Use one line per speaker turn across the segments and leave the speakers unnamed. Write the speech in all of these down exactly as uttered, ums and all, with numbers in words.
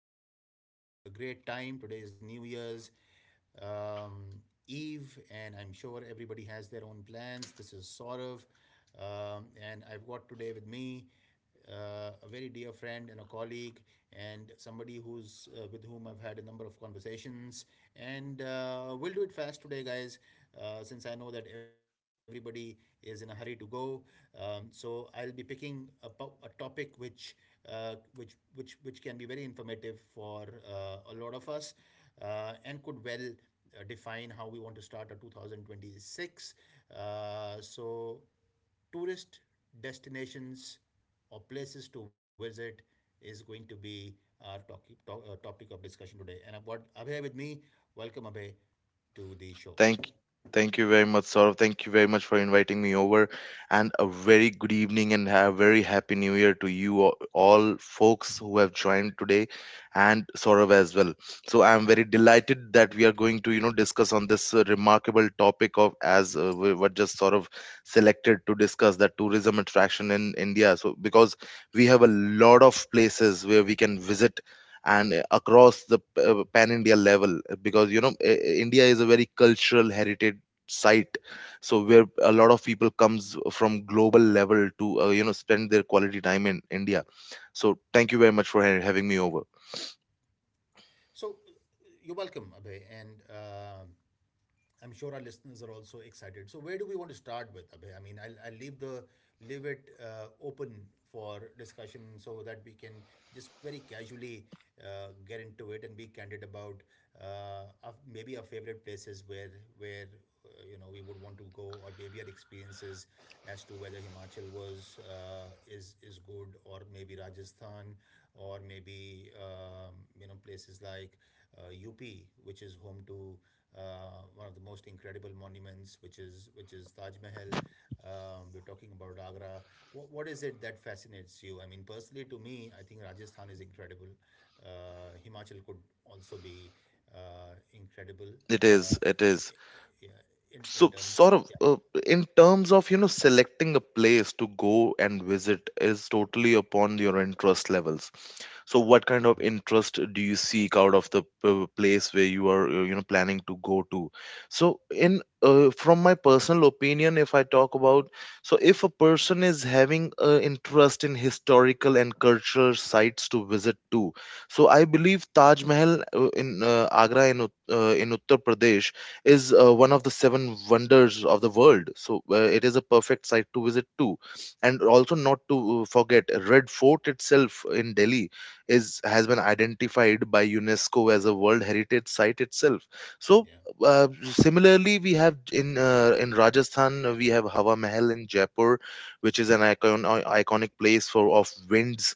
everybody is having a great time. Today is New Year's um, Eve, and I'm sure everybody has their own plans. This is Saurav, um, and I've got today with me uh, a very dear friend and a colleague, and somebody who's uh, with whom I've had a number of conversations. And uh, We'll do it fast today, guys, uh, since I know that everybody is in a hurry to go. Um, so I'll be picking a, a topic which uh, which which which can be very informative for uh, a lot of us uh, and could well uh, define how we want to start our two thousand twenty-six, uh, so tourist destinations or places to visit is going to be our topic, to, uh, topic of discussion today, and I've got Abhay with me. Welcome, Abhay, to the show.
Thank, thank you very much, Saurabh. Thank you very much for inviting me over, and a very good evening and a very happy new year to you all, all folks who have joined today, and Saurabh as well. So I am very delighted that we are going to you know discuss on this uh, remarkable topic of as uh, we- what just sort of selected to discuss that tourism attraction in India. So because we have a lot of places where we can visit and uh, across the p- uh, pan India level uh, because you know uh, uh, India is a very cultural heritage site, so where a lot of people comes from global level to uh, you know spend their quality time in India, so thank you very much for ha- having me over.
So you're welcome, Abhay, and um I'm sure our listeners are also excited. So where do we want to start with, Abhay? I mean, I'll, I'll leave the leave it uh, open for discussion so that we can just very casually uh, get into it and be candid about uh, our, maybe our favorite places where where uh, you know we would want to go, or maybe our experiences as to whether Himachal was uh, is is good, or maybe Rajasthan, or maybe um, you know places like uh, U P, which is home to uh, one of the most incredible monuments, which is which is Taj Mahal. Um, we're talking about Agra. What, what is it that fascinates you? I mean, personally, to me, I think Rajasthan is incredible. Uh, Himachal could also be uh, incredible.
It
Uh,
is, it is.
i- i- yeah, in in
So,
terms of,
Saurav,
yeah.
uh, in terms of, you know, selecting a place to go and visit is totally upon your interest levels. So, what
Mm.
kind of interest do you seek out of the p- place where you are, uh, you know, planning to go to? So, in uh, from my personal opinion, if I talk about, so if a person is having an interest in historical and cultural sites to visit too, so I
Yeah,
believe Taj Mahal uh, in uh, Agra in Ut- uh, in Uttar Pradesh is uh, one of the seven wonders of the world. So uh, it is a perfect site to visit too. And
yeah,
also not to uh, forget, Red Fort itself in Delhi is has been identified by UNESCO as a World Heritage Site itself. So
yeah,
uh, similarly, we have in uh, in Rajasthan, uh, we have Hawa Mahal in Jaipur, which is an icon i- iconic place for of winds,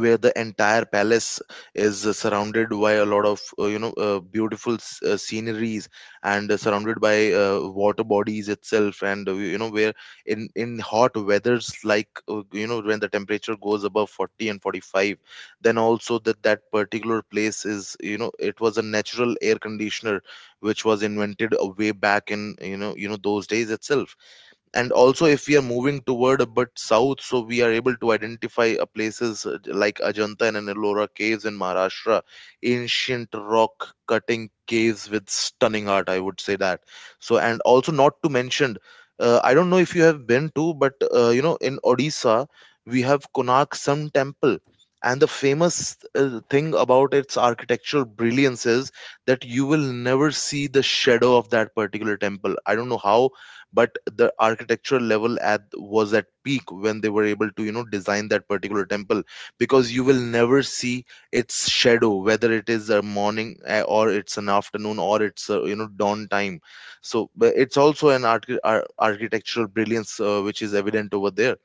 where the entire palace is uh, surrounded by a lot of uh, you know uh, beautiful s- uh, sceneries and uh, surrounded by uh, water bodies itself, and uh, you know where in in hot weathers like, uh, you know when the temperature goes above forty and forty-five, then also that that particular place is, you know, it was a natural air conditioner, which was invented uh, way back in, you know you know those days itself. And
yeah.
also, if we are moving toward a bit south, so we are able to identify uh, places uh, like Ajanta and Ellora caves in Maharashtra, ancient rock cutting caves with stunning art, I would say that. So and also not to mention, uh, I don't know if you have been to, but uh, you know in Odisha we have Konark Sun Temple, and the famous uh, thing about its architectural brilliance is that you will never see the shadow of that particular temple. I don't know how, but the architectural level at was at peak when they were able to, you know, design that particular temple, because you will never see its shadow, whether it is a morning, eh, or it's an afternoon, or it's a, you know, dawn time. So but it's also an archi- ar- architectural brilliance, uh, which is evident over there.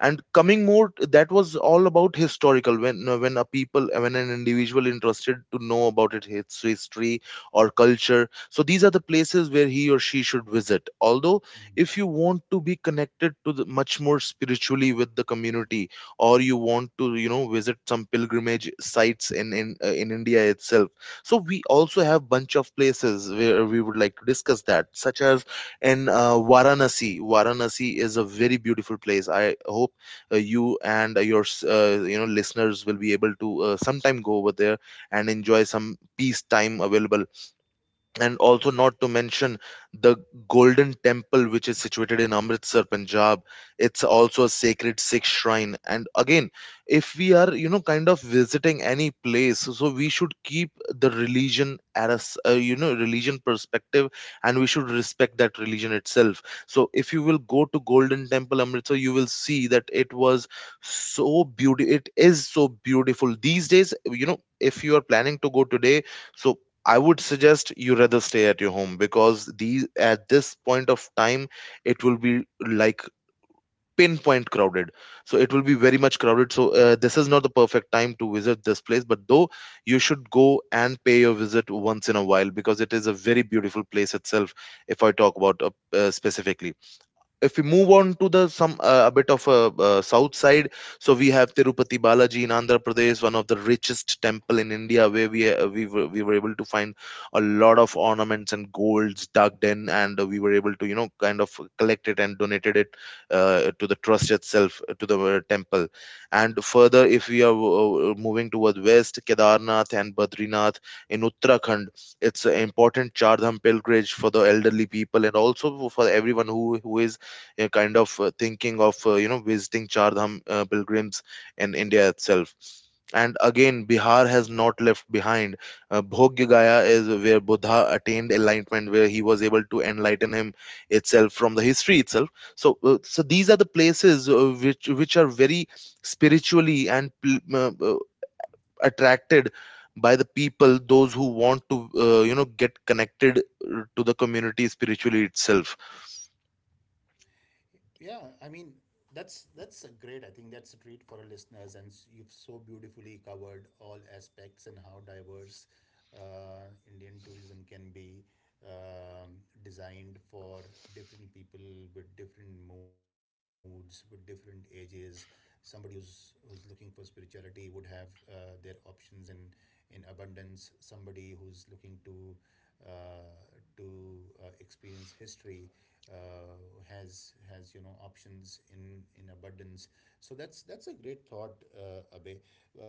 And coming more, that was all about historical, when when a people, when an individual interested to know about it its history or culture, so these are the places where he or she should visit. Although
Mhm.
if you want to be connected to the much more spiritually with the community, or you want to, you know, visit some pilgrimage sites in in, uh, in India itself, so we also have bunch of places where we would like to discuss that, such as in uh, Varanasi. Varanasi is a very beautiful place. I hope uh, you and your s- uh, you know listeners will be able to uh, sometime go over there and enjoy some peace time available. And also not to mention the Golden Temple, which is situated in Amritsar, Punjab. It's also a sacred Sikh shrine. And again, if we are, you know, kind of visiting any place, so we should keep the religion at a s- uh, you know religion perspective, and we should respect that religion itself. So if you will go to Golden Temple Amritsar, you will see that it was so beautiful. It is so beautiful these days, you know. If you are planning to go today, so I would suggest you rather stay at your home, because these at this point of time, it will be like pinpoint crowded. So it will be very much crowded. So uh, this is not the perfect time to visit this place. But though you should go and pay a visit once in a while, because it is a very beautiful place itself. If I talk about uh, uh, specifically, if we move on to the some uh, a bit of a uh, uh, south side, so we have Tirupati Balaji in Andhra Pradesh, one of the richest temple in India, where we uh, we, were, we were able to find a lot of ornaments and golds dug in, and uh, we were able to, you know, kind of collect it and donated it uh, to the trust itself, uh, to the uh, temple. And further, if we are uh, moving towards west, Kedarnath and Badrinath in Uttarakhand, it's an important Chardham pilgrimage for the elderly people, and also for everyone who who is a kind of uh, thinking of uh, you know visiting Char Dham uh, pilgrims in India itself. And again, Bihar has not left behind. Uh, Bhogya Gaya is where Buddha attained enlightenment, where he was able to enlighten him itself from the history itself. So, uh, so these are the places uh, which which are very spiritually and pl- uh, uh, attracted by the people, those who want to uh, you know get connected uh, to the community spiritually itself.
Yeah, I mean that's that's a great. I think that's a treat for our listeners, and s- you've so beautifully covered all aspects and how diverse uh, Indian tourism can be, um, designed for different people with different moods, with different ages. Somebody who's who's looking for spirituality would have uh, their options in in abundance. Somebody who's looking to uh, to uh, experience history uh, has has you know options in in abundance. So that's that's a great thought, uh, Abhay.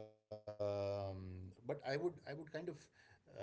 um, But I would I would kind of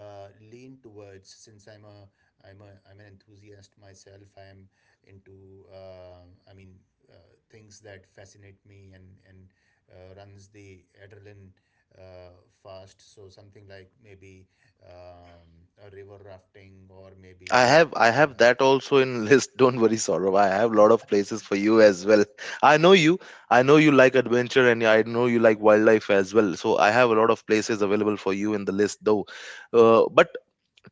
uh, lean towards, since I'm a I'm a I'm an enthusiast myself. I am into uh, I mean uh, things that fascinate me, and and uh, runs the adrenaline uh, fast. So something like maybe um, a river rafting or
I have I
maybe
have that
uh,
also in list. Don't worry, Saurabh. I have a lot of places for you as well. I know you. I know you like adventure, and I know you like wildlife as well. So I have a lot of places available for you in the list though. Uh, but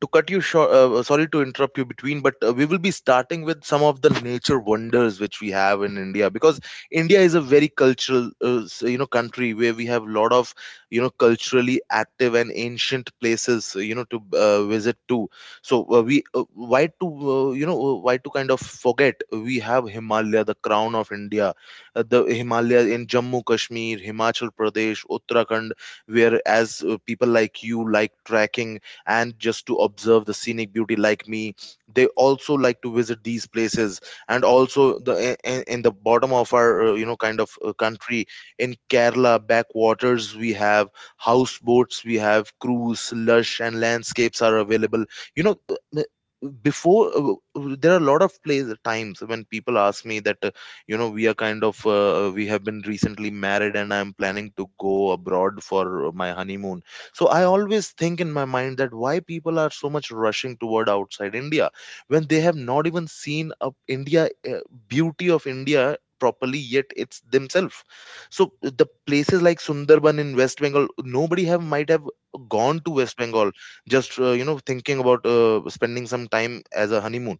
to cut you short, uh, sorry to interrupt you between, but uh, we will be starting with some of the nature wonders which we have in India, because India is a
mm,
very cultural uh, s- you know country where we have a lot of, you know, culturally active and ancient places uh, you know to uh, visit to. So uh, we uh, why to uh, you know uh, why to kind of forget we have Himalaya, the crown of India. Uh, the Himalaya in Jammu Kashmir, Himachal Pradesh, Uttarakhand, where as uh, people like you like trekking, and just to observe the scenic beauty like me, they also like to visit these places. And also the in, in the bottom of our uh, you know kind of uh, country, in Kerala backwaters, we have houseboats, we have cruise, lush and landscapes are available, you know. Uh, before uh, uh, There are a lot of places, times when people ask me that, uh, you know, we are kind of, uh, we have been recently married, and I'm planning to go abroad for my honeymoon. So I
mm,
always think in my mind that why people are so much rushing toward outside India when they have
true,
not even seen a India uh, beauty of India properly yet, it's themselves. So the places like Sundarban in West Bengal, nobody have might have gone to West Bengal just, uh, you know, thinking about uh, spending some time as a honeymoon.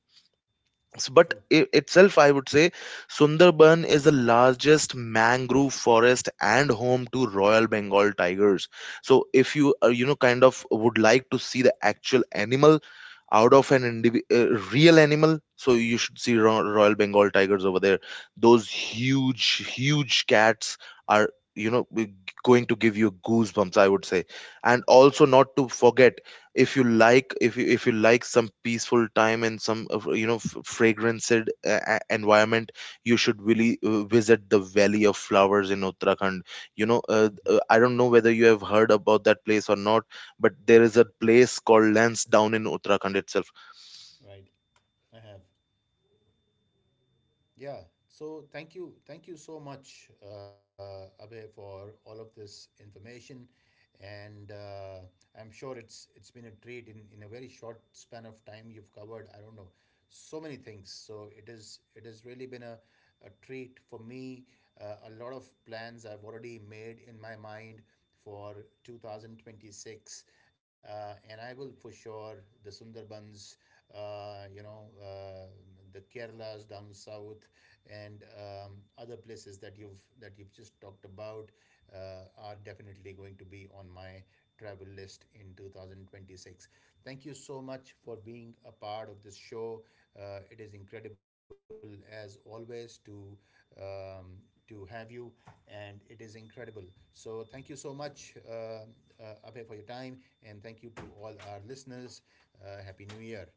S- But
true.
I- itself, I would say Sundarban is the largest mangrove forest and home to Royal Bengal tigers. So, if you, uh, you know kind of would like to see the actual animal out of an indivi- uh, real animal, so you should see Ro- Royal Bengal tigers over there. Those huge, huge cats are, you know, g- going to give you goosebumps, I would say. And also not to forget, if you like, if you if you like some peaceful time and some of, you know, f- fragranced uh, uh, environment, you should really uh, visit the Valley of Flowers in Uttarakhand. You know, uh,
Mhm.
uh, I don't know whether you have heard
Right. I have. Yeah. So thank you, thank you so much, uh, Abhay, for all of this information, and uh, I'm sure it's it's been a treat. in in a very short span of time you've covered, I don't know, so many things, so it is it has really been a, a treat for me. Uh, a lot of plans I've already made in my mind for two thousand twenty-six, uh, and I will for sure the Sundarbans, uh, you know uh, the Kerala's down south, and um, other places that you've that you've just talked about uh, are definitely going to be on my travel list in two thousand twenty-six. Thank you so much for being a part of this show. Uh, it is incredible as always to um, to have you, and it is incredible. So thank you so much, uh, uh, Abhay, for your time, and thank you to all our listeners. Uh, Happy New Year.